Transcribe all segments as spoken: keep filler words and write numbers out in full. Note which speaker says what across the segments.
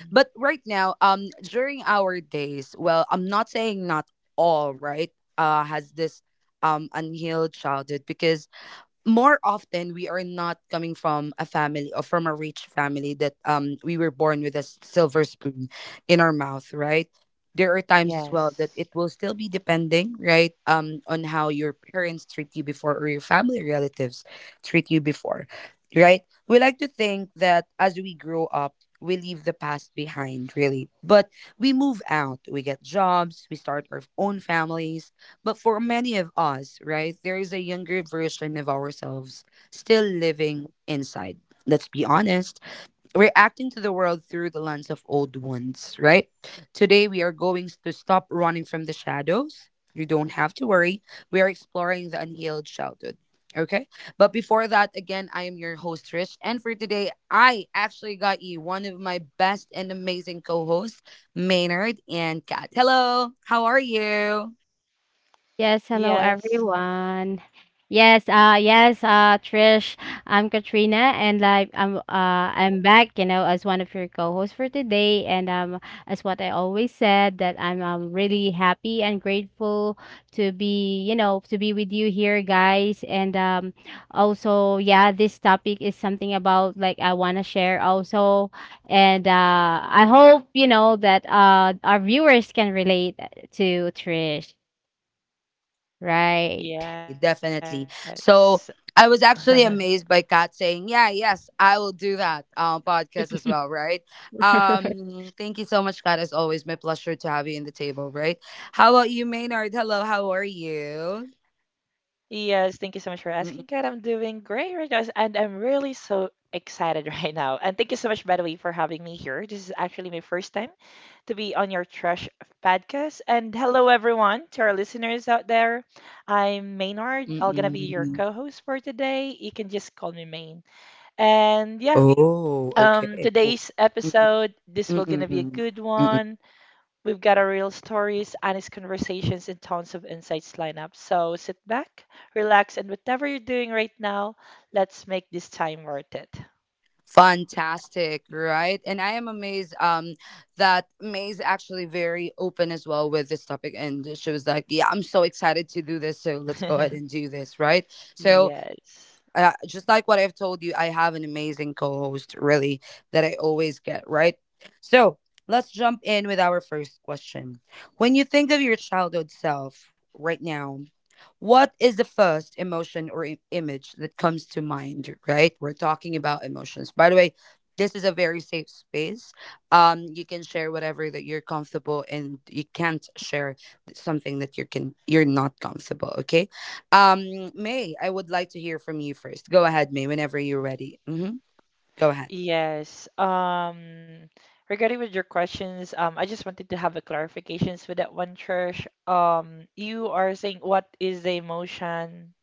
Speaker 1: Mhm. Yes.
Speaker 2: Yes, hello
Speaker 1: Yes.
Speaker 2: everyone. Yes, uh yes, uh Trish, I'm Katrina, and like I'm uh I'm back, you know, as one of your co-hosts for today. And um as what I always said, that I'm um really happy and grateful to be, you know, to be with you here, guys. And um also yeah, this topic is something about like I want to share also and uh I hope, you know, that uh our viewers can relate to Trish. Right.
Speaker 1: Yes. Yes, thank you so much for asking, Kat. I'm doing great right now, and I'm really so excited right now. And thank you so much, by the way, for having me here. This is actually my first time to be on your Trash podcast. And hello, everyone, to our listeners out there. I'm Maynard. I'm gonna be your co-host for today. You can just call me Main. And yeah, um, today's episode, this will gonna be a good one. We've got our real stories, honest conversations, and tons of insights lined up. So sit back, relax, and whatever you're doing right now, let's make this time worth it. Yes. Yes. Um, regarding with your questions, um, I just wanted to have a clarifications with that one, Trish. Um, you are saying what is the emotion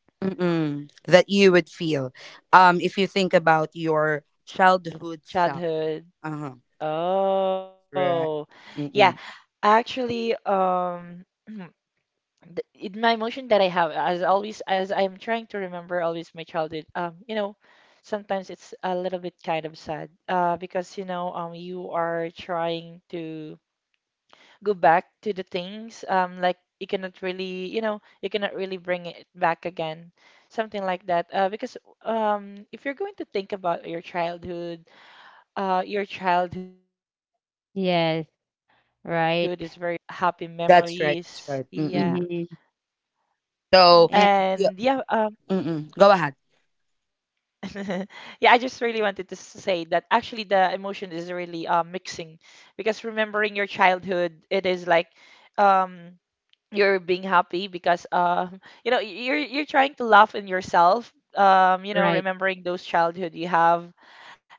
Speaker 1: childhood? Oh, yeah. Actually, um, th- it, my emotion that I have as always as I am trying to remember always my childhood, um you know sometimes it's a little bit kind of sad, uh because you know um you are trying to go back to the things, um like you cannot really, you know you cannot really bring it back again, something like that, uh because um if you're going to think about your childhood, uh your childhood is very full of
Speaker 2: Yes,
Speaker 1: excitement, happy
Speaker 2: right.
Speaker 1: memories, yeah.
Speaker 2: Mhm.
Speaker 1: And yeah,
Speaker 2: Yeah,
Speaker 1: um, Yeah, I just really wanted to s- say that actually the emotion is really uh, mixing, because remembering your childhood, it is like, um, you're being happy because, um, you know y- you're you're trying to laugh in yourself. Um, you know,
Speaker 2: right,
Speaker 1: remembering those childhood you have,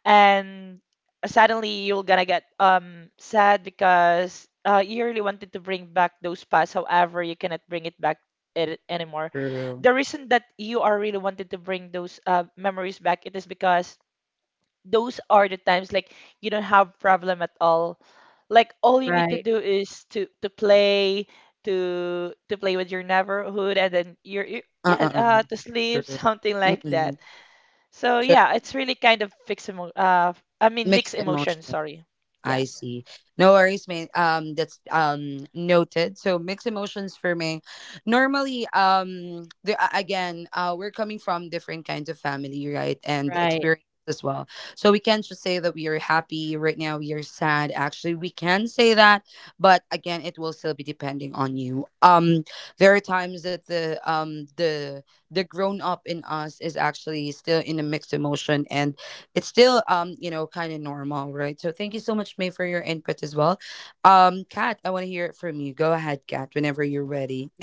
Speaker 1: and suddenly you're gonna get um sad because, uh, you really wanted to bring back those past. However, you cannot bring it back it anymore. The reason that you are really wanted to bring those, uh, memories back, it is because those are the times like you don't have problem at all. Like all you need to
Speaker 2: right,
Speaker 1: do is to to play, to to play with your neighborhood, and then you're, you yeah uh, to sleep, something like that. So yeah, it's really kind of fixed emo uh I mean mixed emotions, sorry. Yeah.
Speaker 2: right.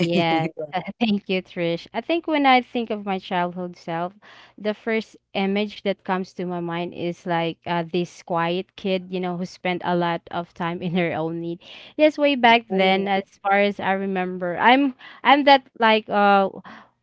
Speaker 2: Yes, thank you, Trish. I think when I think of my childhood self, the first image that comes to my mind is like uh, this quiet kid, you know, who spent a lot of time in her own need. Yes, way back then, as far as I remember, I'm I'm that like uh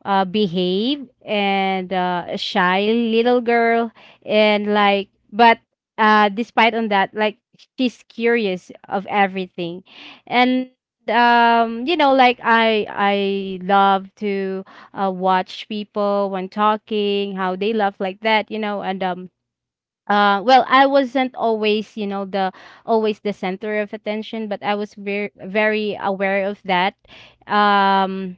Speaker 2: uh behave and uh shy little girl, and like but uh despite on that, like she's curious of everything. And um you know, like i i love to uh, watch people when talking, how they love like that, you know. And um uh well, I wasn't always, you know, the always the center of attention, but I was very, very aware of that. Um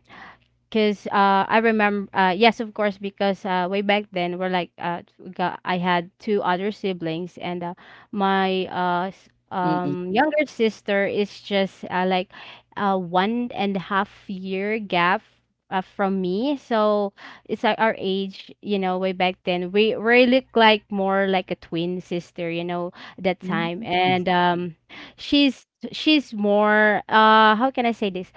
Speaker 2: Cause uh, I remember, uh, yes, of course, because uh, way back then we're like, uh, we got, I had two other siblings, and uh, my uh, s- um, younger sister is just uh, like uh, one and a half year gap uh, from me. So it's like our age, you know, way back then we we look like more like a twin sister, you know, that time. And um, she's she's more, uh, how can I say this?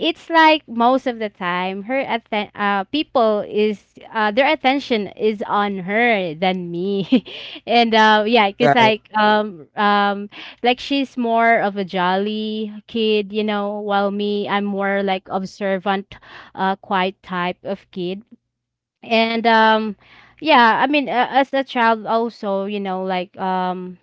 Speaker 2: It's like most of the time her atten- uh, people is, uh, their attention is on her than me, and uh, yeah, because like um um like she's more of a jolly kid, you know, while me, I'm more like observant, uh quiet type of kid. And um yeah i mean uh, as a child also, you know, like um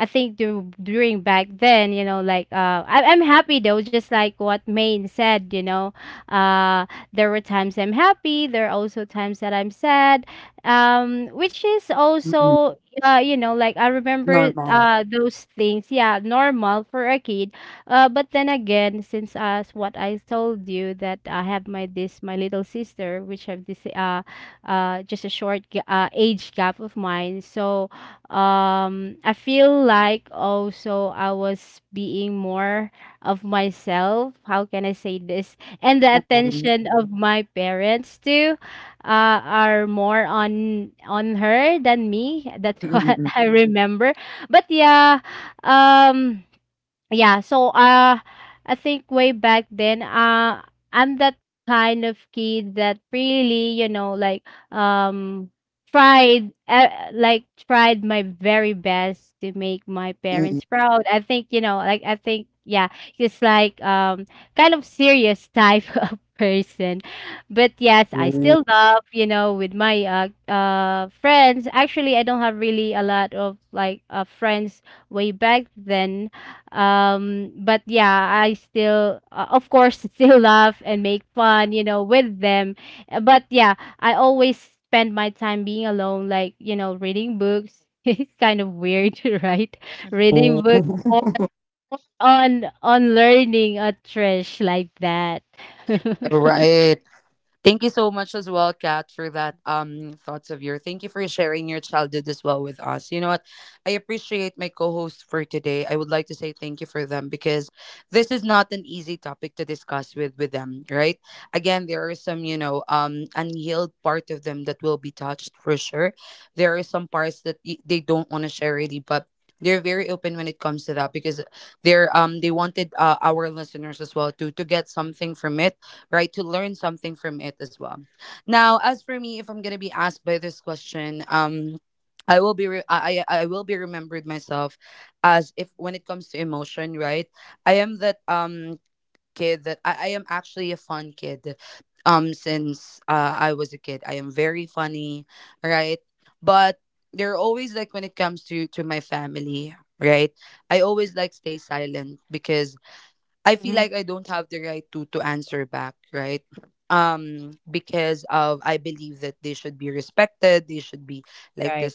Speaker 2: I think du- during back then, you know, like uh, I- I'm happy, though, just like what Maine said, you know. uh, there were times I'm happy, there are also times that I'm sad, um, which is also, uh, you know, like I remember uh, those things. Yeah, normal for a kid. Uh, but then again, since as what I told you, that I have my this my little sister, which have this uh, uh, just a short ga- uh, age gap of mine. So um I feel like also I was being more of myself, how can I say this? And the attention of my parents too, uh, are more on on her than me, that's what I remember. But yeah. um yeah, so uh I think way back then uh I'm that kind of kid that really, you know, like um tried, uh, like tried my very best to make my parents proud. I think, you know, like I think, yeah, it's like um kind of serious type of person. But yes, I still love, you know, with my uh uh friends. Actually, I don't have really a lot of like uh friends way back then, um, but yeah, I still, uh, of course, still laugh and make fun, you know, with them. Uh, But yeah, I always spend my time being alone, like, you know, reading books. It's kind of weird, right? Reading books or on on learning a trash like that. Hmm. Right.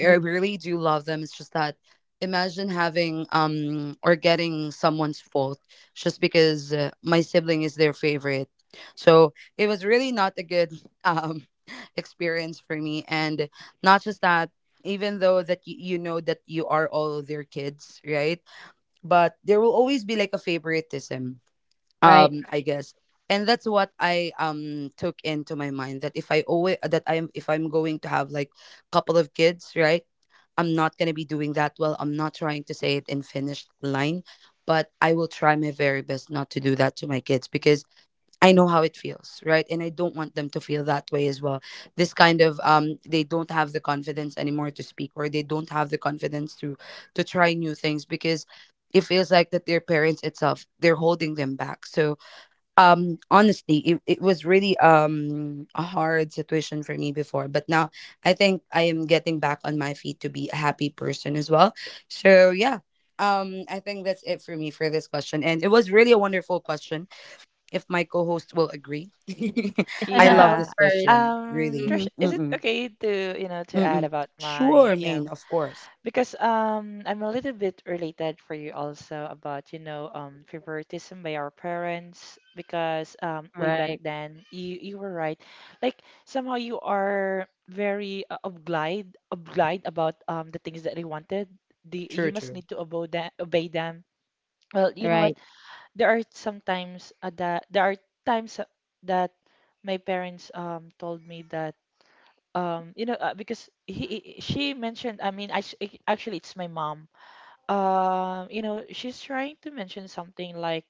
Speaker 2: Hmm. Right. Of
Speaker 1: Yeah.
Speaker 2: course.
Speaker 1: Um,
Speaker 2: Hmm.
Speaker 1: Trish, is it okay to, you know, to add about my, you know, because um I'm a little bit related for you also about, you know, um favoritism by our parents, because um way back
Speaker 2: Right.
Speaker 1: then you you were right. Like somehow you are very uh, obliged obliged about um the things that they wanted. The you must need to obey them, obey them. Well, you know
Speaker 2: Right.
Speaker 1: what? There are sometimes, uh, that there are times uh, that my parents um told me that, um you know, uh, because he he- she mentioned, I mean I s- ac- actually it's my mom, um you know she's trying to mention something like,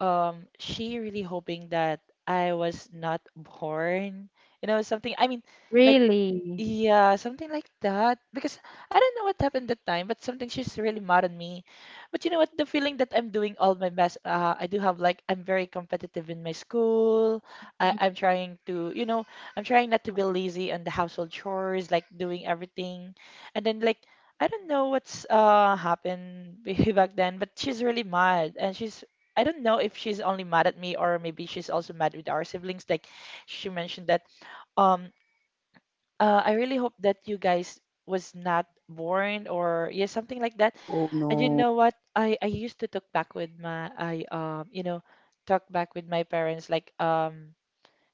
Speaker 1: um she really hoping that I was not born, you know, something I mean like,
Speaker 2: Really?
Speaker 1: yeah, something like that. Because I don't know what happened that time, but something she's really mad at me. But you know what? The feeling that I'm doing all my best. Uh, I do have like I'm very competitive in my school. I,
Speaker 2: Mhm.
Speaker 1: I'm trying to, you know, I'm trying not to be lazy on the household chores, like doing everything. And then like I don't know what's uh happened b- back then, but she's really mad, and she's. I don't know if she's only mad at me or maybe she's also mad with our siblings. Like she mentioned that. um uh, I really hope that you guys was not born, or yeah, something like that. And you know what? I I used to talk back with my I um you know talk back with my parents like, um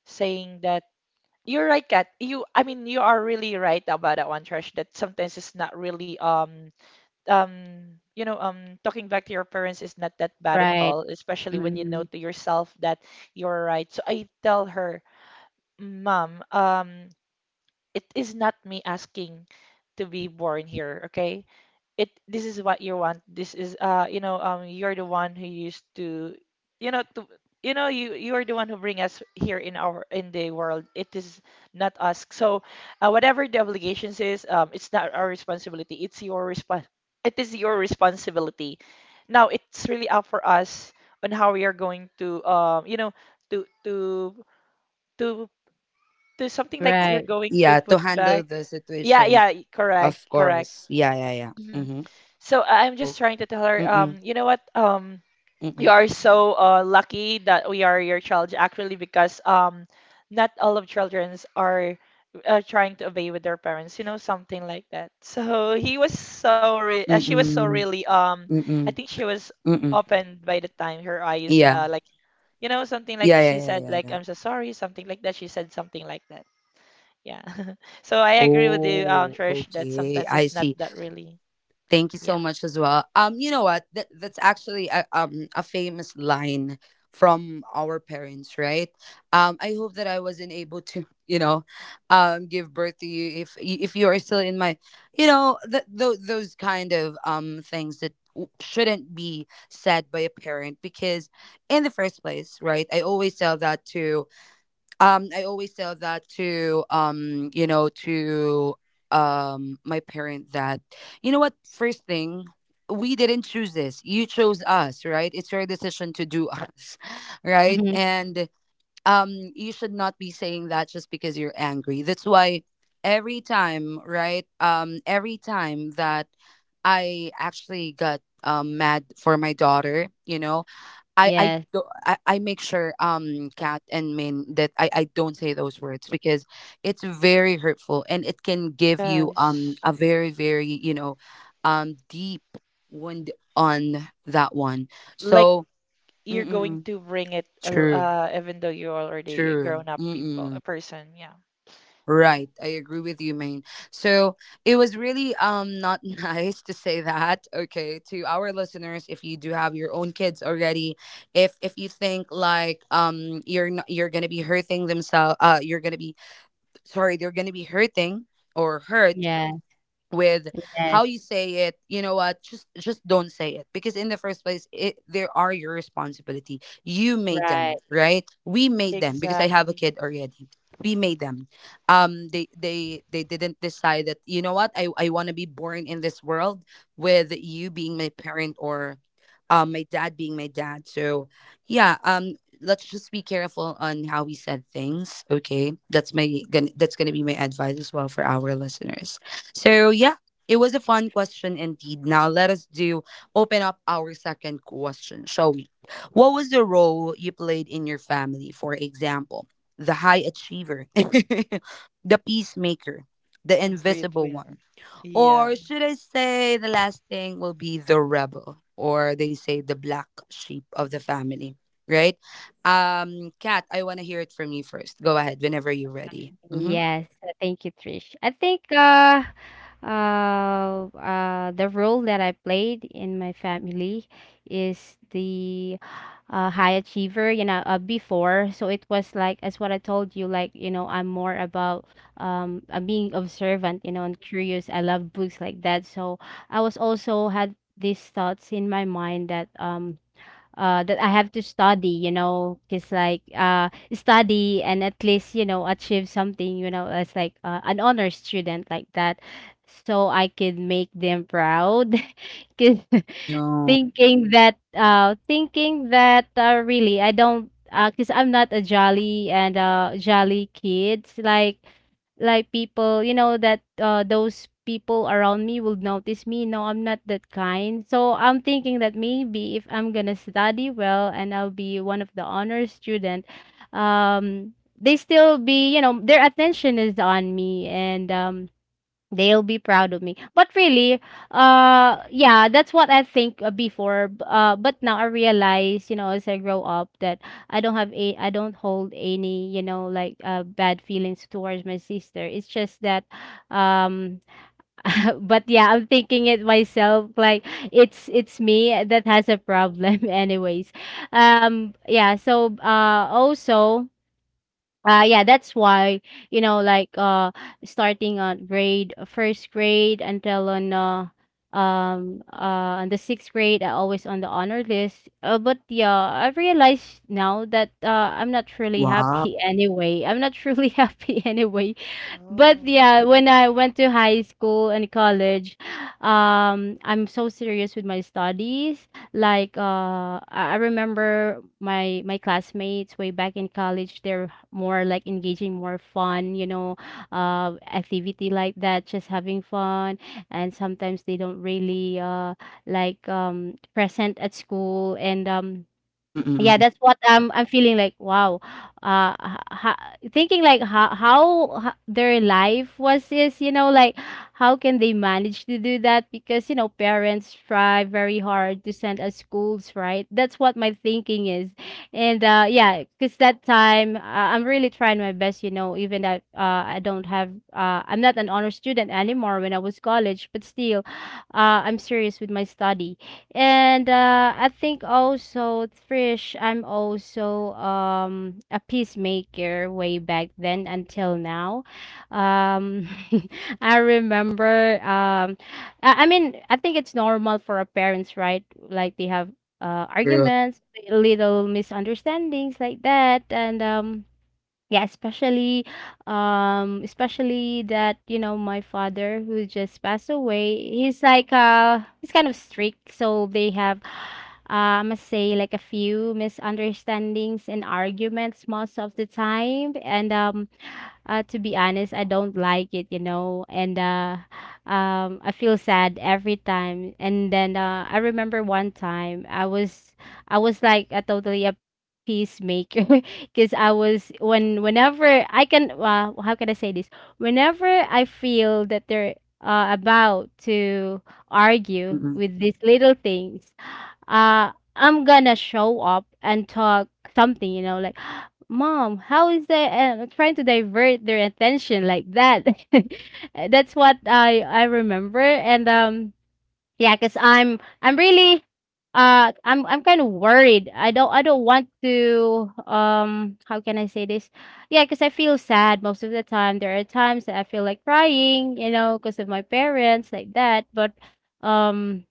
Speaker 1: saying that you're right, Kat. You I mean you are really right about that one, Trash. That sometimes it's not really, um um you know, um talking back to your parents is not that bad at
Speaker 2: Right.
Speaker 1: all, especially when you
Speaker 2: Hmm.
Speaker 1: know to yourself that you're right. So I tell her, Mom, um. It is not me asking to be born here, okay? It this is what you want, this is, uh you know, um you're the one who used to, you know, to, you know, you you are the one who bring us here in our in the world, it is not us. So, uh, whatever the obligations is, um it's not our responsibility, it's your response it is your responsibility, now it's really up for us on how we are going to, um you know, to to to to something like you're
Speaker 2: Right.
Speaker 1: going to put back, yeah, yeah, correct, correct. so I- I'm just trying to tell her, um, you know what? Um, you are so, uh, lucky that we are your child, actually, because, um, not all of childrens are, uh, trying to obey with their parents, you know, something like that. So he was so, re uh, she was so really, um, I think she was opened by the time her eyes, uh, like, you know, something like she said, like, I'm so sorry, something like that. She said something like that. Yeah. So I agree with you, um, Trish, that sometimes it's not that really. Yeah.
Speaker 2: Hmm. Yes.
Speaker 1: Yes. Like you're going to bring it, uh, uh, even though you're already a grown up people a person, yeah,
Speaker 2: Yes, yes, right.
Speaker 1: exactly, the breadwinner, yeah.
Speaker 2: Yes, uh, thank you, Trish. I think uh uh uh the role that I played in my family is the uh high achiever, you know, uh, before. So it was like, as what I told you, like, you know, I'm more about um I'm being observant, you know, and curious. I love books like that. So I was also had these thoughts in my mind that um uh, that I have to study, you know, because like uh, study and at least, you know, achieve something, you know, as like uh, an honor student like that, so I could make them proud. 'Cause thinking that uh, thinking that, uh, really I don't, uh because I'm not a jolly and, uh, jolly kids like, like people, you know, that, uh, those people around me will notice me. No, I'm not that kind. So I'm thinking that maybe if I'm gonna study well and I'll be one of the honor student, um they still be, you know, their attention is on me, and um they'll be proud of me. But really, uh, yeah, that's what I think uh, before. B- Uh, but now I realize, you know, as I grow up, that I don't have a, I don't hold any, you know, like uh, bad feelings towards my sister. It's just that, um, but yeah, I'm thinking it myself. Like, it's it's me that has a problem, anyways. Um, yeah. So, uh, also uh, yeah, that's why, you know, like uh starting on grade first grade until on uh um uh on the sixth grade, I always on the honor list. Uh, but yeah, I've realized now that uh I'm not really happy anyway. I'm not really happy anyway. But
Speaker 1: Oh
Speaker 2: yeah, when I went to high school and college, um I'm so serious with my studies. Like, uh I I remember my my classmates way back in college, they're more like engaging, more fun, you know, uh, activity like that, just having fun. And sometimes they don't really, uh, like um, present at school, and um, yeah, that's what I'm I'm feeling like, wow. Uh ha, ha- thinking like how how ha, their life was is, you know, like, how can they manage to do that? Because, you know, parents try very hard to send us schools, right? That's what my thinking is. And uh yeah, cuz that time, uh, I'm really trying my best, you know, even that uh I don't have uh I'm not an honor student anymore when I was college, but still, uh I'm serious with my study. And uh, I think also, Trish, I'm also um a peacemaker way back then until now. Um, I remember. Um, I, I mean, I think it's normal for our parents, right? Like they have uh arguments, little misunderstandings like that. And um yeah, especially um especially that, you know, my father, who just passed away, he's like uh he's kind of strict, so they have, uh, I must say, like a few misunderstandings and arguments most of the time. And um uh, to be honest, I don't like it, you know, and, uh, um, I feel sad every time. And then uh, I remember one time I was, I was like a totally a peacemaker because I was, when whenever I can, uh, how can I say this? Whenever I feel that they're, uh, about to argue with these little things, uh, I'm gonna show up and talk something, you know, like, Mom, how is they, uh, trying to divert their attention like that? That's what I I remember. And um, yeah, because I'm I'm really, uh I'm I'm kind of worried. I don't I don't want to, um how can I say this? Yeah, because I feel sad most of the time. There are times that I feel like crying, you know, because of my parents like that. But um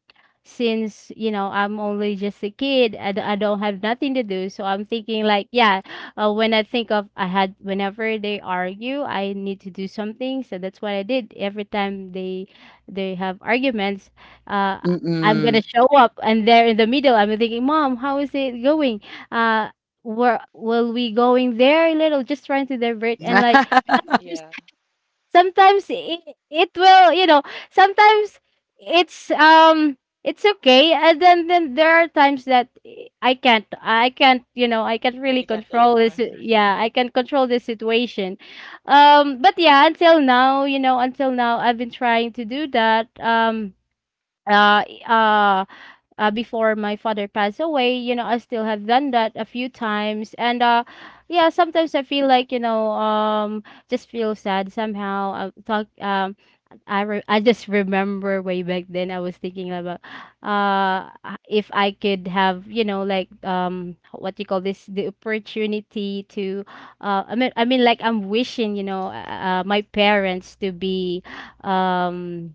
Speaker 2: since, you know, I'm only just a kid, I, d- I don't have nothing to do. So I'm thinking like, yeah, uh, when I think of I had whenever they argue, I need to do something. So that's what I did every time they they have arguments. uh, I'm gonna show up, and there in the middle, I'm thinking, "Mom, how is it going? Uh, where will we going there?" Little, just trying to divert. And like, sometimes,
Speaker 1: yeah,
Speaker 2: sometimes it, it will, you know, sometimes it's um it's okay, and then then there are times that I can't, I can't, you know, I can't
Speaker 1: you
Speaker 2: really
Speaker 1: can't play
Speaker 2: control
Speaker 1: anymore.
Speaker 2: this. Yeah, I can't control this situation. Um, but yeah, until now, you know, until now, I've been trying to do that. Um uh i- uh uh Before my father passed away, you know, I still have done that a few times. And uh yeah, sometimes I feel like, you know, um just feel sad somehow. I talk, um I re- I just remember way back then I was thinking about uh uh, if I could have, you know, like um what you call this, the opportunity to, uh I mean I mean like, I'm wishing, you know, uh, uh, my parents to be, um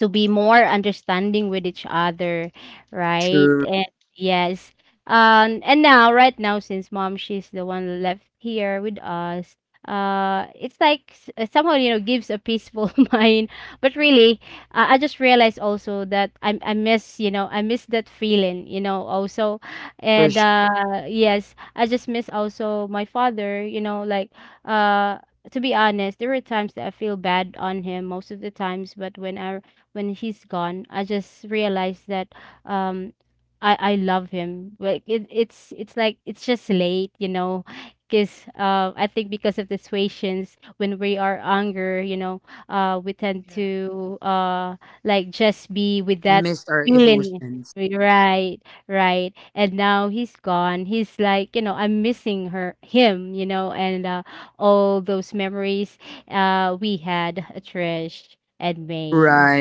Speaker 2: to be more understanding with each other, right? And yes. Um and now right now, since mom, she's the one left here with us, uh it's like s- uh, somehow, you know gives a peaceful mind. But really, uh, I just realized also that I I miss, you know, I miss that feeling, you know, also. And uh yes, I just miss also my father, you know, like uh to be honest, there were times that I feel bad on him most of the times, but when I when he's gone, I just realized that um I I love him. Like it, it's it's like it's just late, you know. Because uh, I think because of the situations when we are younger, you know, uh, we tend
Speaker 1: Yeah.
Speaker 2: to uh, like just be with that feeling. Right, right. And now he's gone. He's like, you know, I'm missing her, him, you know, and uh, all those memories uh, we had, uh, Trish and Maine.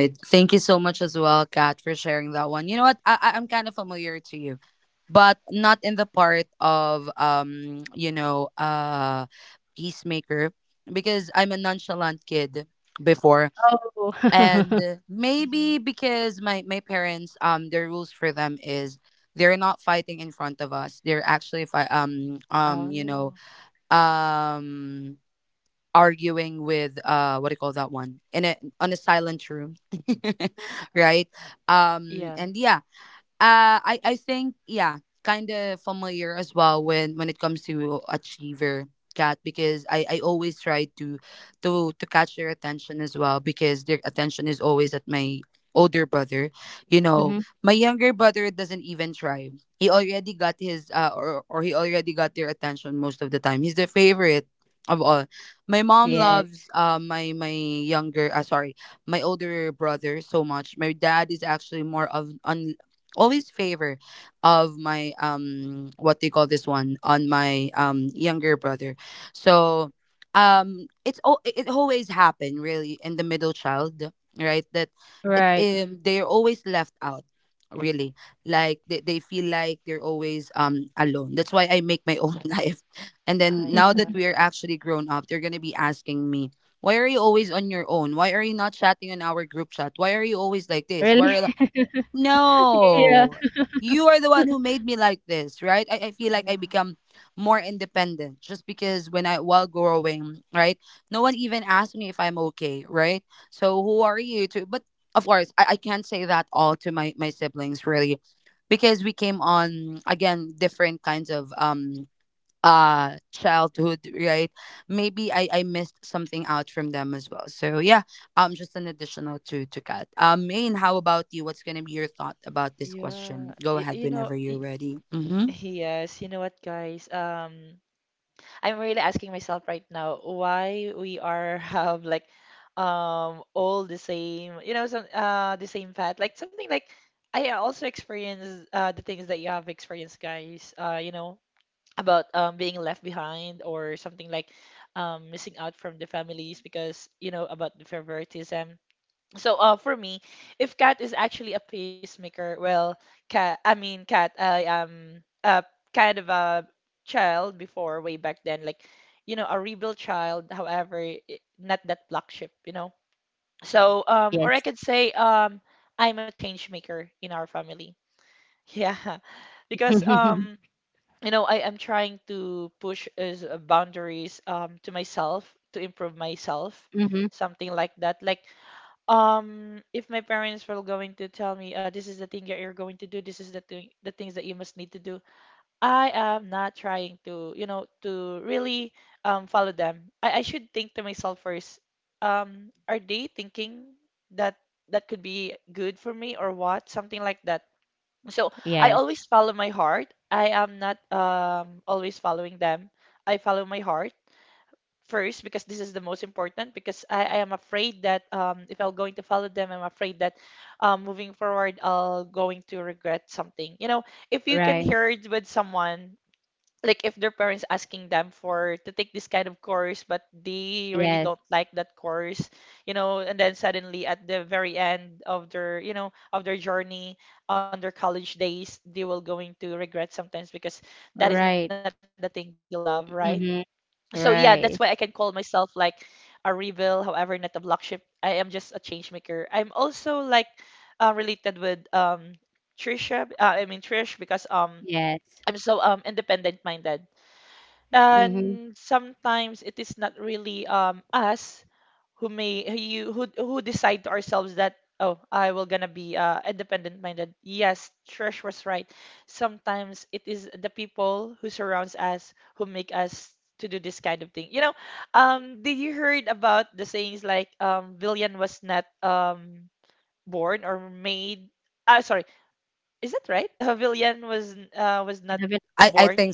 Speaker 2: Oh.
Speaker 1: Oh yeah,
Speaker 2: Mhm. Yes. Right.
Speaker 1: I totally agree.
Speaker 2: Really? Yeah.
Speaker 1: Yeah. Yeah. Y- you know y- yes, you know what guys, um I'm really asking myself right now why we are have like, um all the same, you know, some uh the same path, like something like I also experience uh the things that you have experienced, guys. Uh, you know, about um being left behind or something like um missing out from the families, because you know about the favoritism. So, uh, for me, if cat is actually a pacemaker, well, cat, I mean, cat, I am a kind of a child before, way back then, like, you know, a rebel child, however, i- not that black sheep, you know? So, um, or
Speaker 2: Yes.
Speaker 1: I could say, um, I'm a change maker in our family. Yeah, because, um, you know, I am trying to push is uh, boundaries, um, to myself, to improve myself,
Speaker 2: Mhm.
Speaker 1: something like that. Like, um, if my parents were going to tell me, uh, this is the thing that you're going to do, this is the thing, the things that you must need to do, I am not trying to, you know, to really um follow them. I, I should think to myself first, um, are they thinking that that could be good for me or what? Something like that. So I
Speaker 2: Yes.
Speaker 1: always follow my heart. I am not um always following them. I follow my heart first because this is the most important, because I, I am afraid that, um, if I'll going to follow them, I'm afraid that, um, moving forward, I'll going to regret something. You know, if you can
Speaker 2: Right.
Speaker 1: hear it with someone, like if their parents asking them for to take this kind of course, but they really
Speaker 2: Yes.
Speaker 1: don't like that course, you know, and then suddenly at the very end of their, you know, of their journey on their college days, they will going to regret sometimes because that is not the
Speaker 2: Right.
Speaker 1: thing they love, right? So
Speaker 2: Mhm.
Speaker 1: yeah, that's why I can call
Speaker 2: Right.
Speaker 1: myself like a rebel, however, not a block ship. I am just a change maker. I'm also like, uh, related with, um Trisha. b- Uh, I mean Trish, because um I'm
Speaker 2: Yes.
Speaker 1: so um independent minded,
Speaker 2: Mhm.
Speaker 1: and sometimes it is not really um us who may who you who who decide to ourselves that oh I will gonna be uh independent minded. Yes, Trish was right. Sometimes it is the people who surrounds us who make us to do this kind of thing. You know, um, did you heard about the sayings like um villain was not um born or made? Ah, sorry, is that right? A villain was uh was
Speaker 2: I
Speaker 1: not
Speaker 2: haven't.
Speaker 1: born.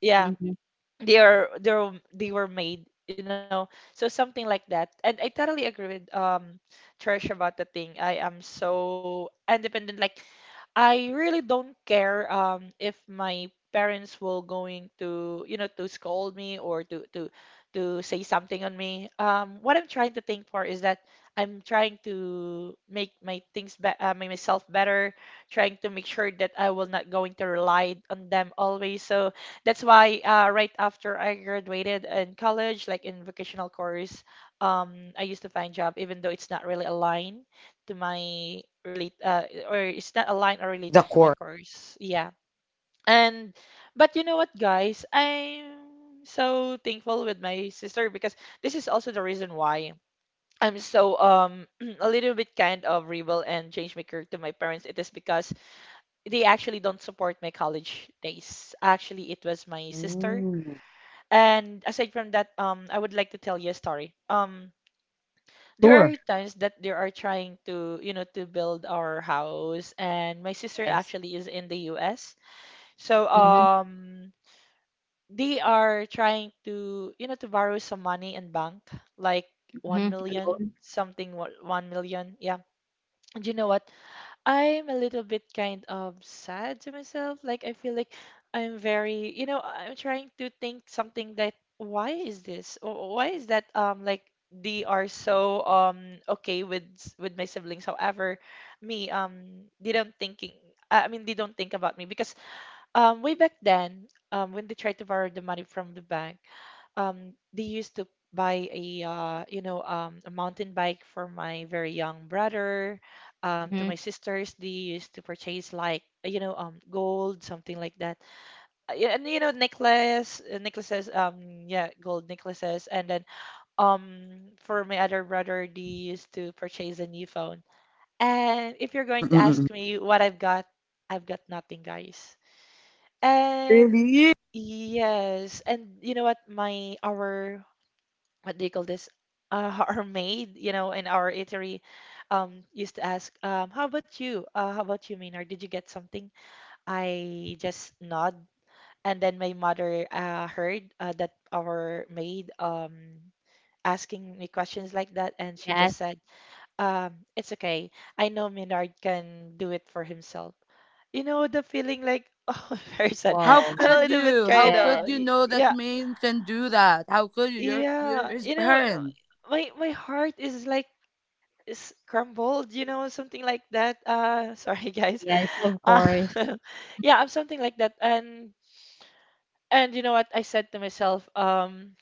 Speaker 1: Yeah,
Speaker 2: Mhm.
Speaker 1: they are they're they were made, you know, so something like that, and I totally agree with, um Trish, about the thing I am so independent. Like I really don't care um if my parents will going to, you know, to scold me or to to to say something on me. Um, what I'm trying to think for is that I'm trying to make my things be, uh, make myself better, trying to make sure that I will not going to rely on them always. So that's why uh, right after I graduated in college, like in vocational course, um, I used to find job even though it's not really aligned to my relate uh, or is not aligned or related to my course. Yeah. And but you know what, guys? I'm so thankful with my sister because this is also the reason why I'm so um a little bit kind of rebel and change maker to my parents. It is because they actually don't support my college days. Actually, it was my sister. And aside from that, um, I would like to tell you a story. Um, there are times that they are trying to, you know, to build our house, and my sister
Speaker 2: Yes.
Speaker 1: actually is in the U S. So,
Speaker 2: Mhm.
Speaker 1: um, they are trying to, you know, to borrow some money in bank, like one
Speaker 2: Mhm.
Speaker 1: million,
Speaker 2: Alone.
Speaker 1: something, wa- one million. Yeah. And you know what? I'm a little bit kind of sad to myself. Like I feel like I'm very, you know, I'm trying to think something that why is this? Or why is that, um like they are so um okay with s- with my siblings. However, me, um they don't thinking, I I mean they don't think about me because um way back then, um when they tried to borrow the money from the bank, um they used to buy a uh, you know, um, a mountain bike for my very young brother, um, to my
Speaker 2: Mhm.
Speaker 1: sisters they used to purchase like, you know, um gold something like that. Uh, yeah, and you know, necklace uh, necklaces, um yeah, gold necklaces, and then um for my other brother they used to purchase a new phone. And if you're going to ask me what I've got, I've got nothing, guys. And yes, and you know what? My our what do you call this? Uh, our maid, you know, in our eatery, um, used to ask, um, "How about you? Uh, how about you, Maynard? Did you get something?" I just nod, and then my mother uh, heard uh, that our maid um asking me questions like that, and she just
Speaker 2: Yes.
Speaker 1: said, um, "It's okay. I know Maynard can do it for himself." You know, the feeling like, oh, very sad.
Speaker 2: Wow.
Speaker 1: I'm a little bit kind
Speaker 2: Yeah.
Speaker 1: of, yeah, yeah. You know, my my heart is like scrambled, you know, something like that. Uh, sorry, guys.
Speaker 2: Yes, of
Speaker 1: Uh,
Speaker 2: course.
Speaker 1: yeah, I'm something like that. And and you know what I said to myself? Um,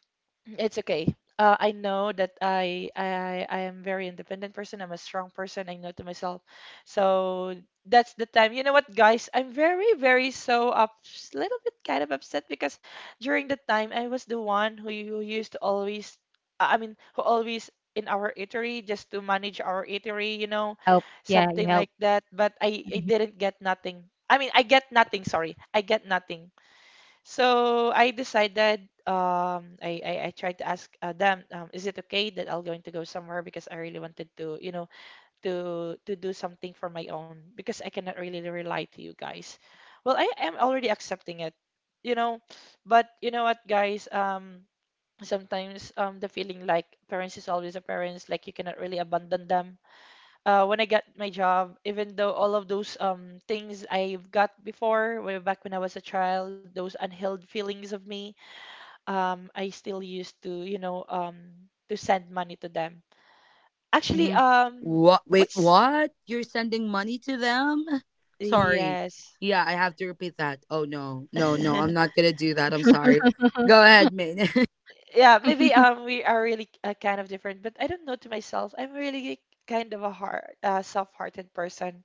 Speaker 1: It's okay. Uh, I know that I, I I am very independent person. I'm a strong person. I know to myself. So that's the time. You know what, guys? I'm very, very so up, little bit kind of upset because during the time I was the one who, who used to always, I I mean, who always in our eatery just to manage our eatery, you know,
Speaker 2: Help. Yeah, you
Speaker 1: something
Speaker 2: help.
Speaker 1: like that. But I, I
Speaker 2: Mhm.
Speaker 1: didn't get nothing. I mean, I get nothing. Sorry, I get nothing. So I decided, um I, I I tried to ask uh, them, um, is it okay that I'm going to go somewhere because I really wanted to, you know, to to do something for my own because I cannot really rely to you guys. Well, I am already accepting it, you know, but you know what, guys, um sometimes um the feeling like parents is always a parents, like you cannot really abandon them. Uh, when I got my job, even though all of those um things I've got before, way back when I was a child, those unhealed feelings of me, um, I still used to, you know, um, to send money to them. Actually,
Speaker 2: Mhm.
Speaker 1: um, what's yes. Yeah, maybe um we are really, uh, kind of different, but I don't know to myself. I'm really kind of a hard, uh, soft-hearted person.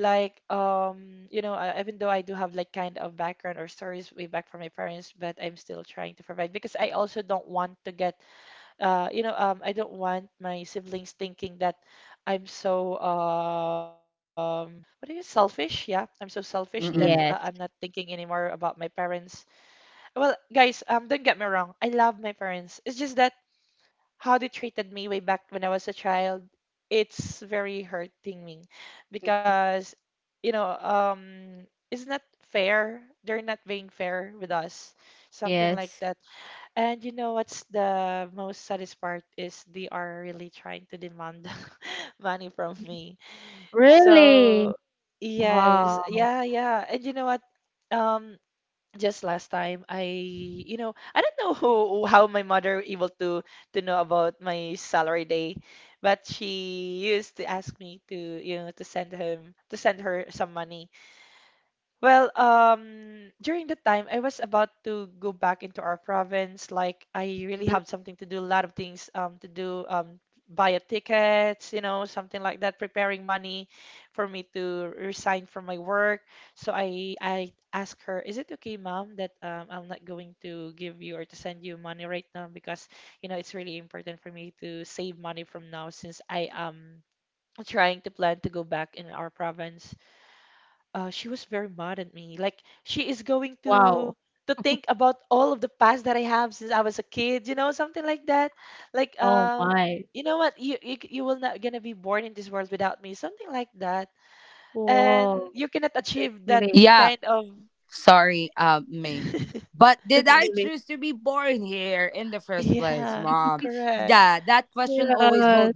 Speaker 1: Like, um you know, uh, even though I do have like kind of background or stories way back from my parents, but I'm still trying to provide because I also don't want to get, uh you know, um I don't want my siblings thinking that I'm so, um what do you, selfish, yeah, I'm so selfish that, uh,
Speaker 2: Yes.
Speaker 1: I'm not thinking anymore about my parents. Well, guys, um don't get me wrong, I love my parents, it's just that how they treated me way back when I was a child, it's very hurting me because, you know, um, it's not fair. They're not being fair with us, something
Speaker 2: Yes.
Speaker 1: like that. And you know what's the most saddest part is they are really trying to demand money from me.
Speaker 2: Really?
Speaker 1: So, yes,
Speaker 2: Wow.
Speaker 1: yeah, yeah. And you know what? Um, just last time I, you know, I don't know who, how my mother able to to know about my salary day, but she used to ask me to, you know, to send him to send her some money. Well, um, during the time I was about to go back into our province, like I really
Speaker 2: Mhm.
Speaker 1: have something to do, a lot of things, um, to do, um, buy a tickets, you know, something like that, preparing money for me to resign from my work. So I I asked her, is it okay, ma'am, that, um, I'm not going to give you or to send you money right now because you know it's really important for me to save money from now since I am trying to plan to go back in our province. Uh, she was very mad at me. Like she is going to
Speaker 2: Wow.
Speaker 1: to think about all of the past that I have since I was a kid, you know, something like that. Like,
Speaker 2: Oh
Speaker 1: um,
Speaker 2: my.
Speaker 1: you know what? You you, you will not gonna be born in this world without me, something like that. And
Speaker 2: Woah.
Speaker 1: you cannot
Speaker 2: That's
Speaker 1: achieve that
Speaker 2: really,
Speaker 1: kind of
Speaker 2: that's
Speaker 1: yeah.
Speaker 2: really.
Speaker 1: Yeah, correct.
Speaker 2: Yes.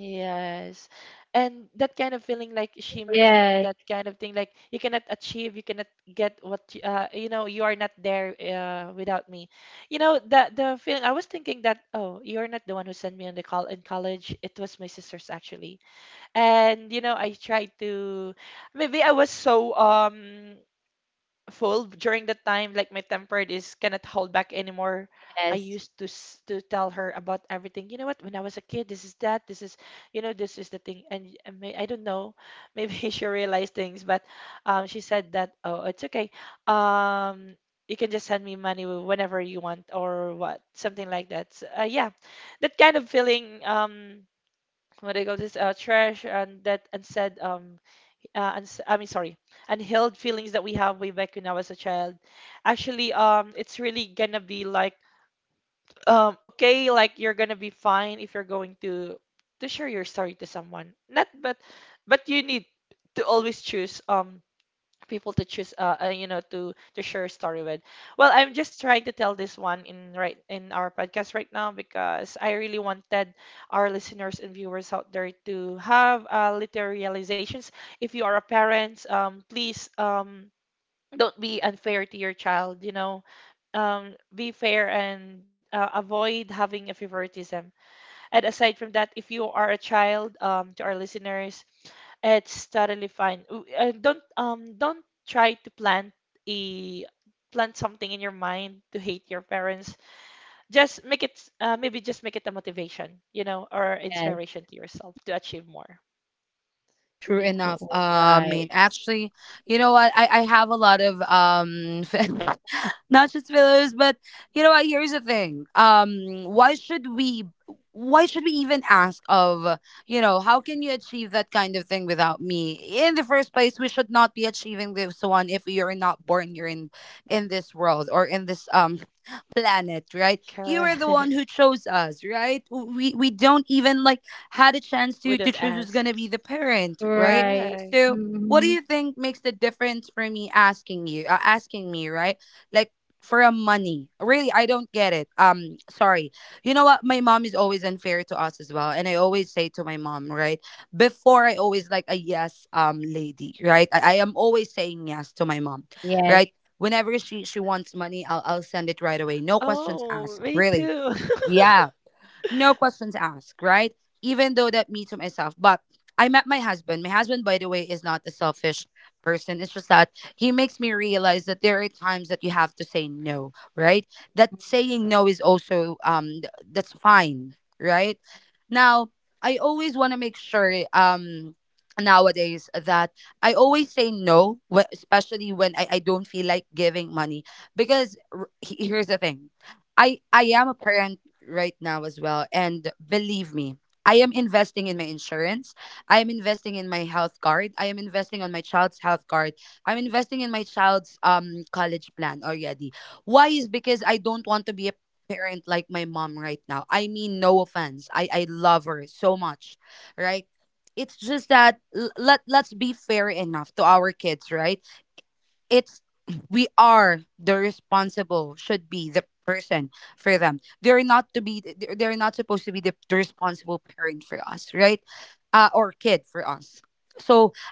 Speaker 1: Yes. And that kind of feeling, like she mentioning
Speaker 2: Yes,
Speaker 1: that kind of thing, like you cannot achieve, you cannot get what you, uh, you know, you are not there uh, without me. You know, the the feeling, I was thinking that, oh, you're not the one who sent me on the call in college. It was my sister's actually. And, you know, I tried to, maybe I was so um full during the time like my temper is cannot hold back anymore. I
Speaker 2: yes,
Speaker 1: used to s- to tell her about everything, you know what, when I was a kid, this is that, this is, you know, this is the thing, and y- and may, I don't know, maybe she realized things, but um she said that, oh, it's okay, um you can just send me money whenever you want or what, something like that. So, uh, yeah, that kind of feeling, um what do you call this, uh, trash and that unsaid, um uh, and s- I mean, sorry, unhealed feelings that we have way back when I was a child. Actually, um, it's really gonna be like, um, okay, like you're gonna be fine if you're going to to share your story to someone. Not, but but you need to always choose um people to choose, uh, uh you know, to to share a story with. Well, I'm just trying to tell this one in right in our podcast right now because I really wanted our listeners and viewers out there to have, uh, little realizations. If you are a parent, um please, um don't be unfair to your child, you know, um be fair and, uh, avoid having a favoritism. And aside from that, if you are a child, um to our listeners, it's totally fine. W- Uh, don't, um don't try to plant a plant something in your mind to hate your parents. Just make it s- uh, maybe just make it a motivation, you know, or
Speaker 2: yes.
Speaker 1: inspiration to yourself to achieve more. Yeah.
Speaker 2: Oh, right.
Speaker 1: Correct. We don't ask.
Speaker 2: Right.
Speaker 1: Correct.
Speaker 2: Mhm. Yes,
Speaker 1: Oh, me too.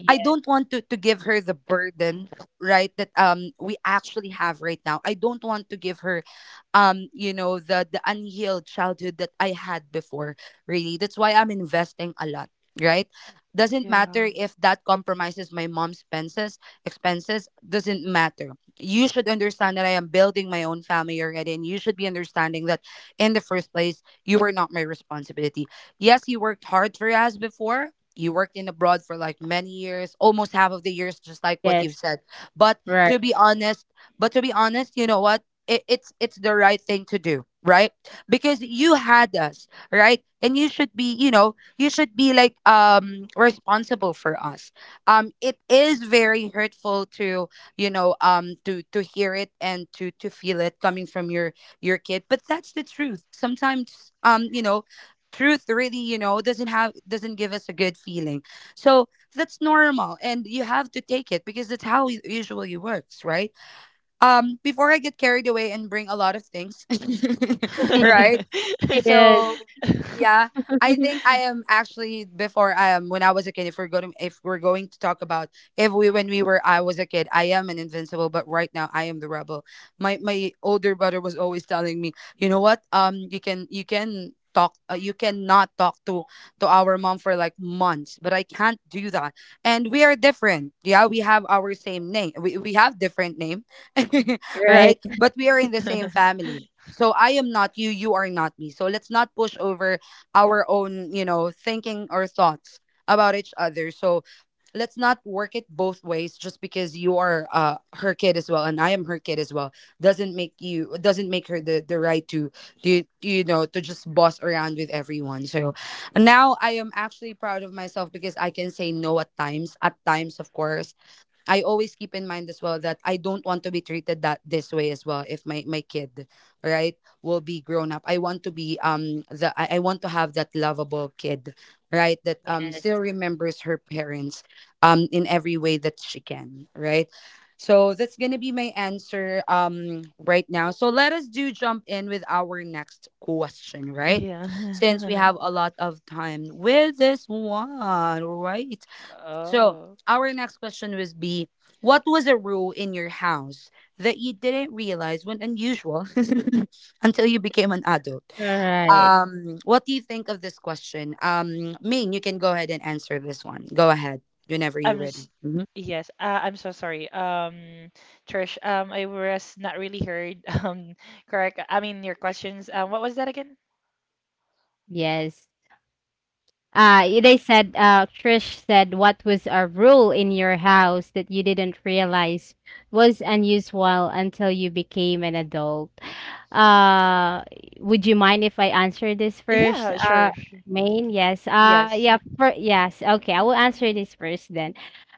Speaker 2: yes,
Speaker 1: Yeah.
Speaker 2: yes. Right. Yes. Right. Yes.
Speaker 1: Yeah. Oh.
Speaker 2: Alright.
Speaker 1: I'm s- yes, uh, I'm so sorry. Um, Trish, um, I was not really heard. Um, correct. I mean your questions. Um, what was that again?
Speaker 2: Yes. Uh, y- they said, uh, Trish said, what was a rule in your house that you didn't realize was unusual until you became an adult? Uh, would you mind if I answer this first?
Speaker 1: Yeah,
Speaker 2: Uh,
Speaker 1: sure. sh-
Speaker 2: Maine, yes. Uh,
Speaker 1: Yes.
Speaker 2: yeah, for, yes. Okay, I will answer this first then.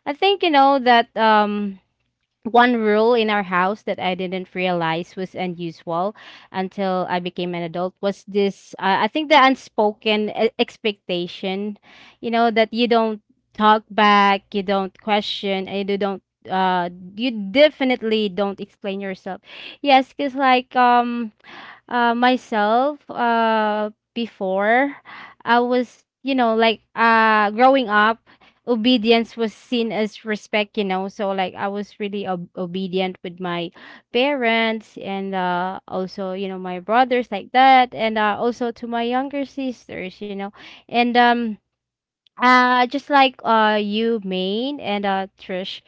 Speaker 2: I think, you know, that, um, one rule in our house that I didn't realize was unusual until I became an adult was this uh, I think the unspoken e- expectation, you know, that you don't talk back, you don't question, and you don't uh you definitely don't explain yourself. Yes, cuz like um uh myself uh before I was, you know, like uh growing up, obedience was seen as respect, you know. So, like, I was really ob- obedient with my parents, and uh also, you know, my brothers like that, and uh also to my younger sisters, you know. And um uh just like uh you, Maine, and uh Trish,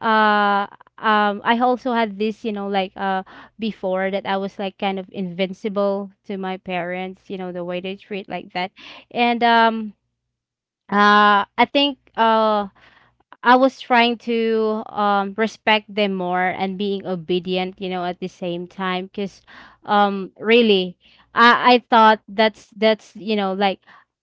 Speaker 2: uh um I also had this, you know, like uh before, that I was like kind of invincible to my parents, you know, the way they treat like that. And um uh I think uh I was trying to um respect them more and being obedient, you know, at the same time, because um really, I I thought that's that's you know, like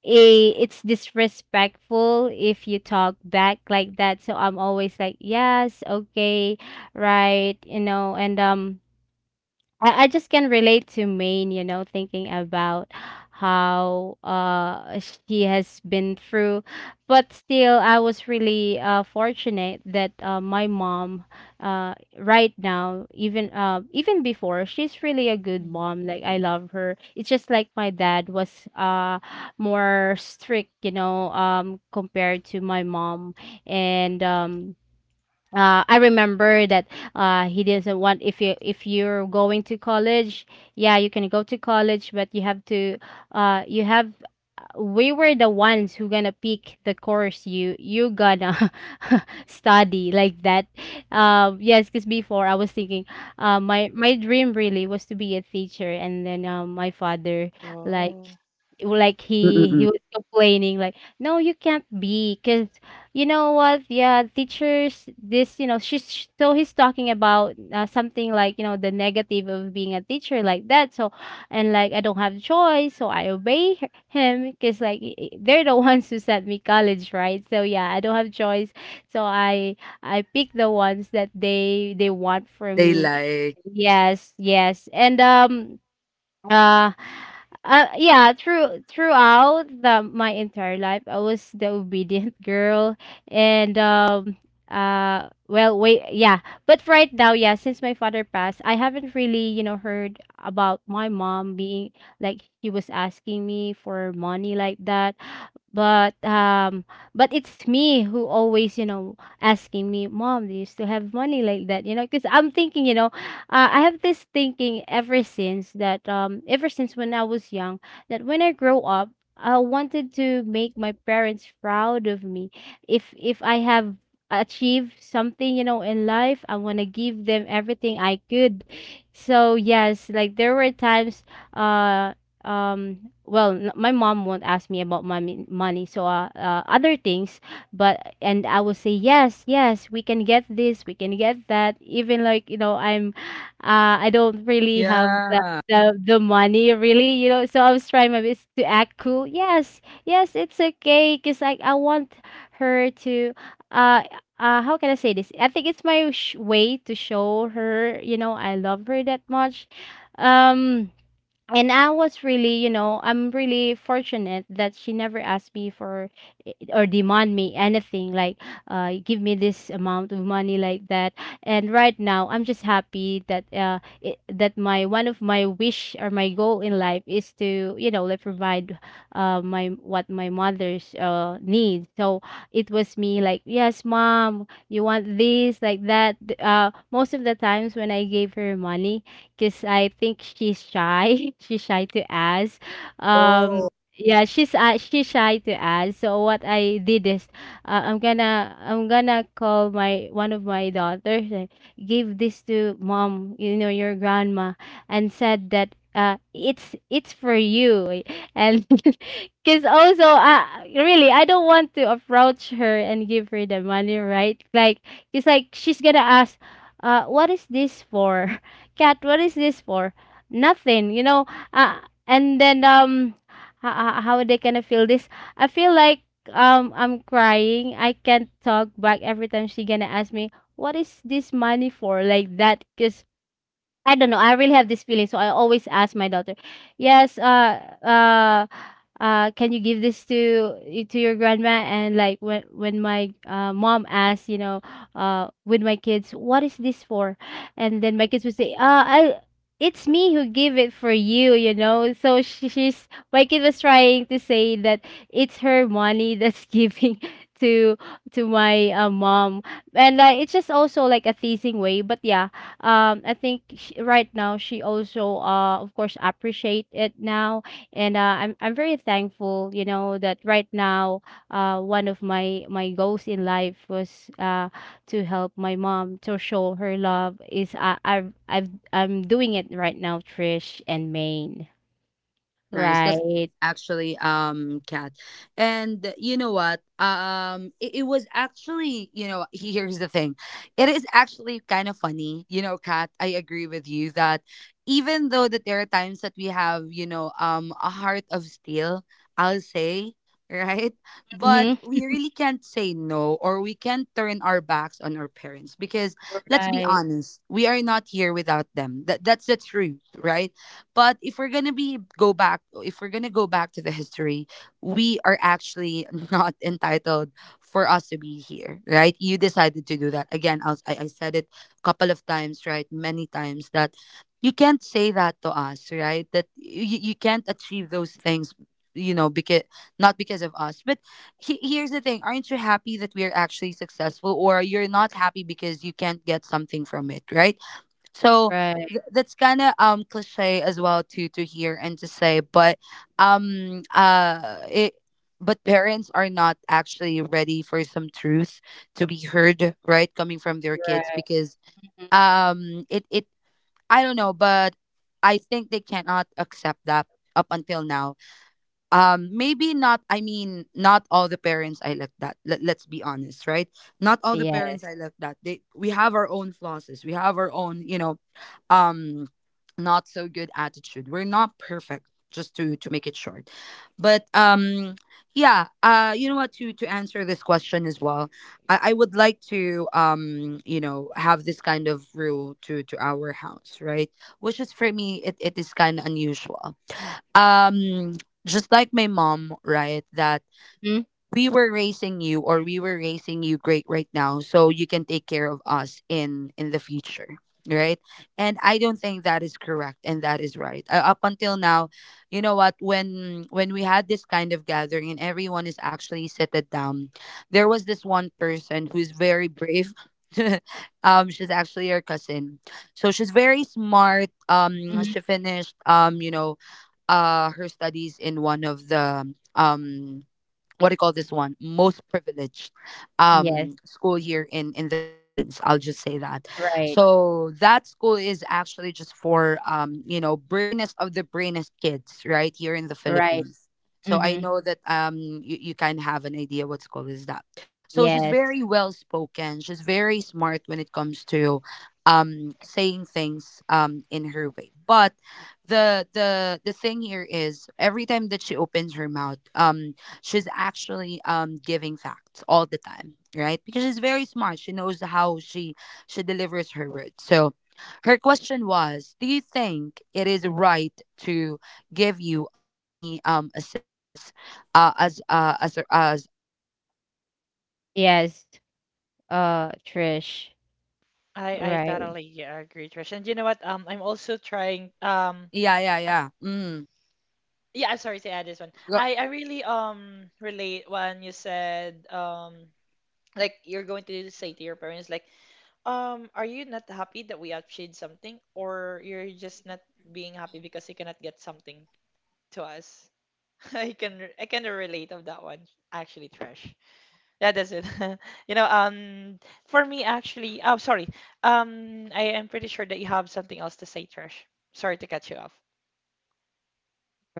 Speaker 2: a it's disrespectful if you talk back like that. So I'm always like, "Yes, okay, right," you know. And um I, I just can relate to Maine, you know, thinking about how uh she has been through. But still, I was really uh fortunate that uh my mom, uh right now, even uh even before, she's really a good
Speaker 1: Mm.
Speaker 2: mom. Like I love her. It's just like my dad was uh more strict, you know, um compared to my mom. And um uh, I remember that uh, he doesn't want, if you if you're going to college, yeah, you can go to college, but you have to uh, you have uh, we were the ones who gonna pick the course you you gonna study like that. Um, yes, because before I was thinking, uh, my my dream really was to be a teacher, and then um, my father, like,
Speaker 1: Oh,
Speaker 2: like he he was complaining like, no, you can't be because, you know what? Yeah, teachers, this, you know, she's so he's talking about uh, something like, you know, the negative of being a teacher like that. So, and like, I don't have choice, so I obey h- him because, like, i- i- they're the ones who sent me college, right? So, yeah, I don't have choice. So, I, I pick the ones that they, they want from me. Yes, yes. And, um, uh, uh yeah, through throughout the my entire life, I was the obedient girl. And um uh well wait, yeah, but right now, yeah, since my father passed, I haven't really, you know, heard about my mom being like she was asking me for money like that. But um but it's me who always, you know, asking, "Me mom, do you still have money?" like that. You know, because I'm thinking, you know, uh, I have this thinking ever since that, um ever since when I was young, that when I grow up, I wanted to make my parents proud of me. if if I have achieved something, you know, in life, I want to give them everything I could. So yes, like there were times uh um well, n- my mom won't ask me about money money, so uh, uh other things. But and I will say, yes, yes, we can get this, we can get that, even like, you know, I'm uh I don't really have the the, the money really, you know. So I was trying my best to act cool, yes, yes, it's okay, because like I want her to uh uh how can I say this? I think it's my sh- way to show her, you know, I love her that much. um and I was really, you know, I'm really fortunate that she never asked me for i- or demand me anything like, uh give me this amount of money like that. And right now, I'm just happy that uh it, that my one of my wish, or my goal in life is to, you know, like provide uh my what my mother's uh needs. So it was me like, "Yes, mom, you want this like that." Th- Uh most of the times when I gave her money, because I think she's shy. She's shy to ask. Um, yeah, she's uh, she's shy to ask. So what I did is, uh, I'm gonna I'm gonna call my one of my daughters, and give this to mom, you know, your grandma, and said that uh, it's it's for you. And because also, uh, really, I don't want to approach her and give her the money, right? Like, it's like she's gonna ask, uh, what is this for? Cat, what is this for? Nothing, you know. uh, and then, um how, how they gonna feel this? I feel like, um I'm crying, I can't talk back every time she gonna ask me, what is this money for, like that? Because I don't know. I really have this feeling, so I always ask my daughter, "Yes, uh, uh, uh, can you give this to y- to your grandma?" And like, when when my uh, mom asks, you know, uh, with my kids, "What is this for?" and then my kids would say, "Uh, I." It's me who give it for you, you know. So she, she's, my kid was trying to say that it's her money that's giving to to my uh, mom, and uh, it's just also like a teasing way. But yeah, um I think sh right now she also, uh of course, appreciate it now. And uh, i'm i'm very thankful, you know, that right now, uh one of my my goals in life was uh to help my mom, to show her love, is i i've, I've, I'm doing it right now, Trish and Maine. Right. Mm-hmm. Right. Right. Right. Mhm. Yes. Hmm. Yes. Right. Right. Hmm. Yes. Yes. Uh, Trish.
Speaker 1: I I
Speaker 2: Right,
Speaker 1: totally, uh, agree, Trish. And you know what? Um, I'm also trying. Um, um, yeah, I'm sorry to add this one. I I really um relate when you said, um like you're going to say to your parents like, Um, are you not happy that we outshade something, or you're just not being happy because you cannot get something to us? I can re- I kind of relate of that one actually, Trash. Yeah, that's it. You know, um, for me actually, oh sorry. Um, I am pretty sure that you have something else to say, Trash. Sorry to cut you off.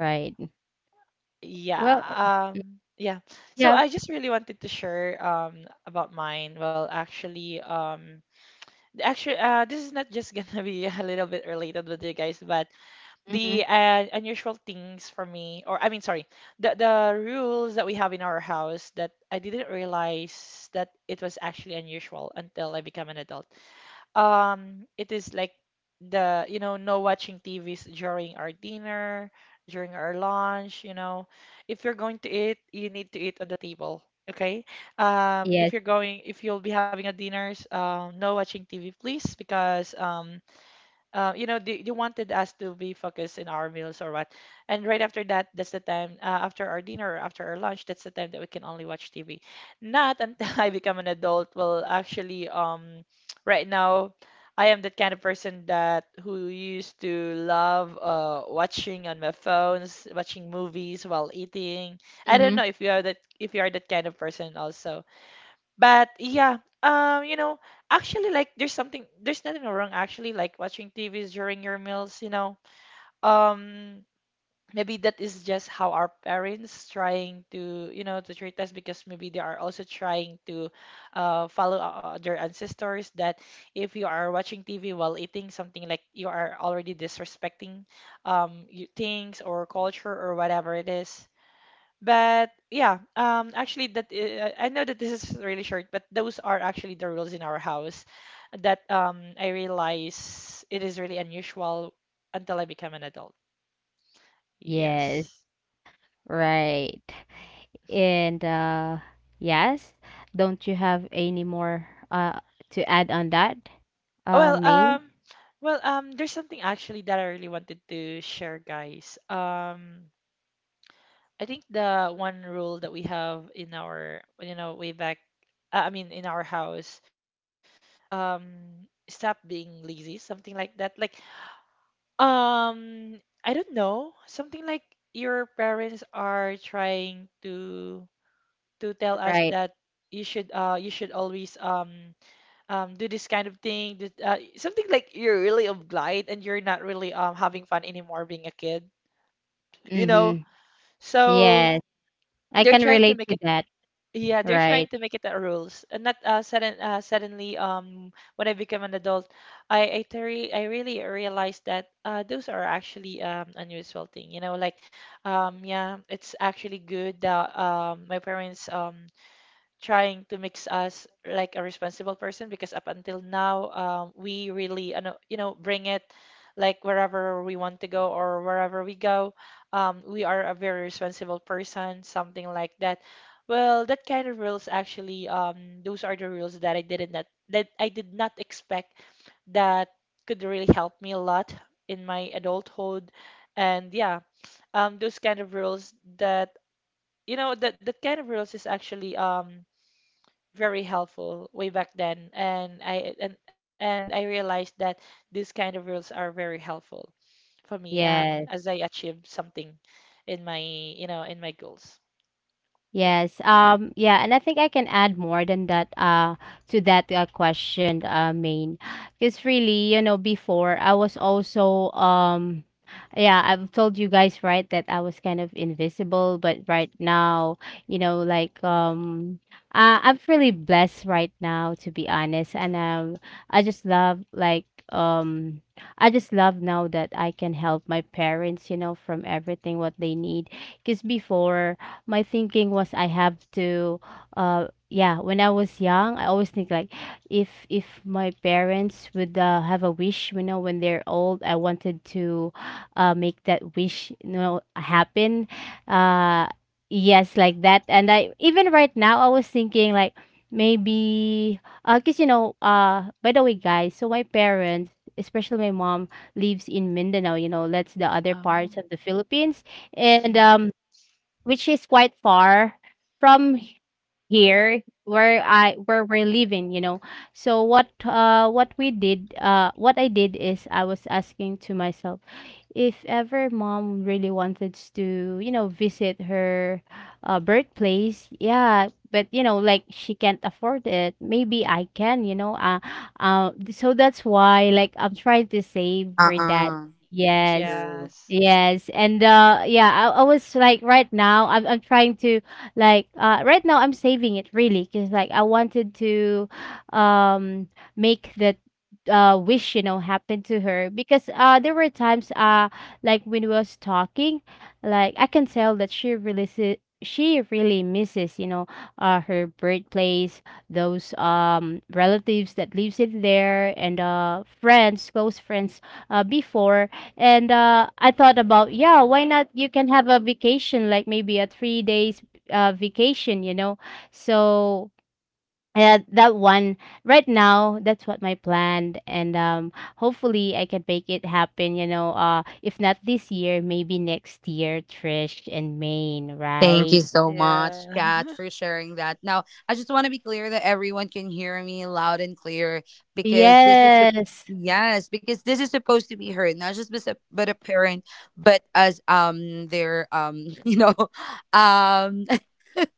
Speaker 2: right. Well, uh,
Speaker 1: Yeah, um, yeah. So
Speaker 2: yeah.
Speaker 1: I just really wanted to share um about mine. Well, actually, um, actually, uh, this is not just gonna be a little bit related with you guys, but
Speaker 2: Hmm.
Speaker 1: the uh, unusual things for me, or I mean, sorry, the the rules that we have in our house that I didn't realize that it was actually unusual until I became an adult. Um, it is like the, you know, no watching T Vs during our dinner, during our lunch, you know. If you're going to eat, you need to eat on the table. Okay. Um, if
Speaker 2: Yes.
Speaker 1: you're going, if you'll be having a dinners, um, no watching T V, please, because um, uh, you know, they, they wanted us to be focused in our meals or what. And right after that, that's the time uh, after our dinner, after our lunch, that's the time that we can only watch T V. Not until I become an adult. Well, actually, um, right now, I am that kind of person that who used to love uh, watching on my phones, watching movies while eating. I don't
Speaker 2: Hmm.
Speaker 1: know if you are that if you are that kind of person also. But yeah, um, you know, actually, like, there's something, there's nothing wrong actually, like watching T Vs during your meals, you know. Um, maybe that is just how our parents trying to, you know, to treat us because maybe they are also trying to uh, follow uh, uh, their ancestors that if you are watching T V while eating something like you are already disrespecting um you- things or culture or whatever it is. But yeah, um, actually, that uh, I know that this is really short, but those are actually the rules in our house that um, I realize it is really unusual until I become an adult.
Speaker 2: Yes.
Speaker 1: Yes.
Speaker 2: Right. And uh, yes. Don't you have any more uh to add on that? Uh,
Speaker 1: Well,
Speaker 2: main.
Speaker 1: um, well, um, there's something actually that I really wanted to share, guys. Um, I think the one rule that we have in our, you know, way back, uh, I mean, in our house, um, stop being lazy, something like that. Like Um, I don't know. Something like your parents are trying to to tell us
Speaker 2: Right.
Speaker 1: that you should uh you should always um um do this kind of thing. This, uh, something like you're really obliged and you're not really um having fun anymore being a kid, you know?
Speaker 2: Mm-hmm.
Speaker 1: So
Speaker 2: Yes. I
Speaker 1: they're
Speaker 2: can
Speaker 1: trying to
Speaker 2: relate
Speaker 1: make
Speaker 2: to
Speaker 1: it
Speaker 2: that.
Speaker 1: yeah, they're trying
Speaker 2: Right.
Speaker 1: to make it a rules. And not uh, sudden uh, suddenly um when I became an adult, I I, teri- I really realized that uh those are actually um unusual thing. You know, like um yeah, it's actually good that um my parents um trying to mix us like a responsible person because up until now, um, we really ano, you know, bring it like wherever we want to go or wherever we go, um, we are a very responsible person, something like that. Well, that kind of rules actually, um, those are the rules that I didn't that, that I did not expect that could really help me a lot in my adulthood. And yeah, um, those kind of rules that you know that that kind of rules is actually, um, very helpful way back then. And I and, and I realized that these kind of rules are very helpful for me um
Speaker 2: Yes.
Speaker 1: as I achieve something in my, you know, in my goals. Yeah.
Speaker 2: Yes. Um, yeah, and I think I can add more than that uh to that uh, question, uh, Main. Because really, you know, before I was also um yeah, I've told you guys right that I was kind of invisible, but right now, you know, like um uh, I'm really blessed right now, to be honest. And um I just love like um I just love now that I can help my parents, you know, from everything what they need. Because before my thinking was I have to uh yeah, when I was young, I always think like, if if my parents would, uh, have a wish, you know, when they're old, I wanted to uh make that wish, you know, happen. Uh yes, like that. And I even right now I was thinking like, maybe uh cuz, you know, uh by the way, guys, so my parents, especially my mom, lives in Mindanao. You know, that's the other parts
Speaker 1: Oh.
Speaker 2: of the Philippines. And um which is quite far from here, where I where we're living, you know. So what uh what we did, uh what I did is, I was asking to myself, if ever mom really wanted to, you know, visit her uh, birthplace. Yeah, but, you know, like she can't afford it, maybe I can, you know. Uh, uh so that's why like I'm trying to save for that. Yes.
Speaker 1: Yes.
Speaker 2: Yes. And uh yeah, I, I was like right now I'm I'm trying to like, uh, right now I'm saving it, really, because like I wanted to um make that uh wish, you know, happen to her. Because uh there were times uh like, when we was talking, like, I can tell that she really si- she really misses, you know, uh her birthplace, those um relatives that lives in there, and uh friends, close friends uh before. And uh I thought about, yeah, why not, you can have a vacation, like maybe a three days uh, vacation, you know. So uh, that one right now, that's what my plan, and um, hopefully I can make it happen. You know, uh, if not this year, maybe next year, Trish and Maine, right?
Speaker 1: Yeah.
Speaker 2: Yes.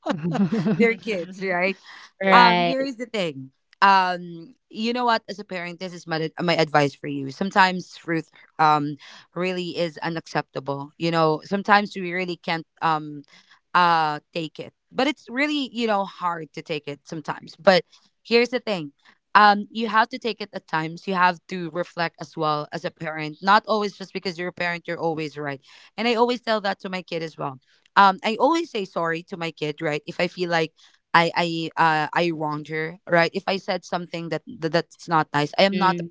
Speaker 1: Yeah.
Speaker 2: Right. Mm,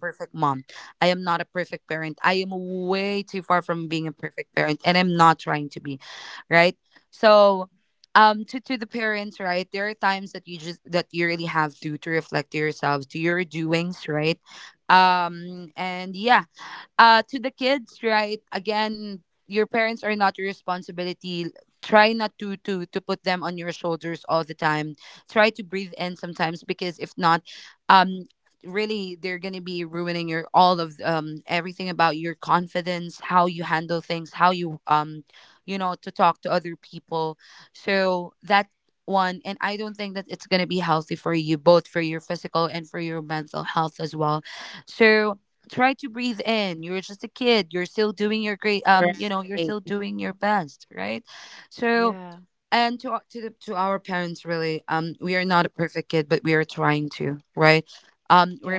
Speaker 2: right.
Speaker 1: Yeah. Yeah.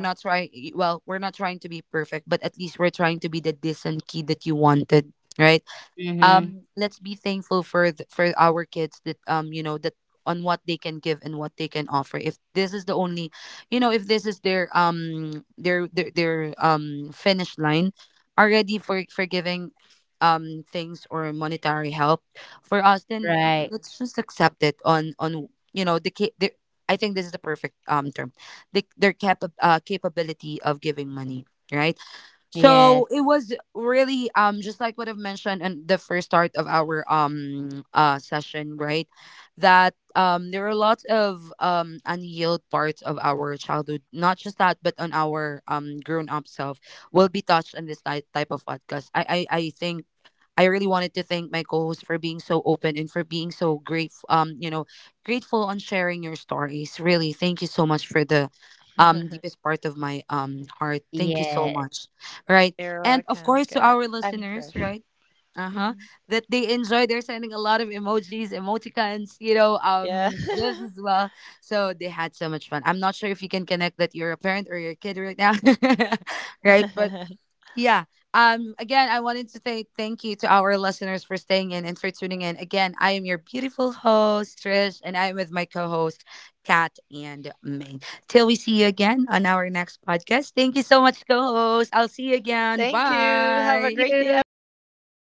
Speaker 2: Mm-hmm. Right. Yes. Yes.
Speaker 1: You're welcome, Cat, I mean, Trash. Hmm. Yeah. Thank you, have a great day, everyone.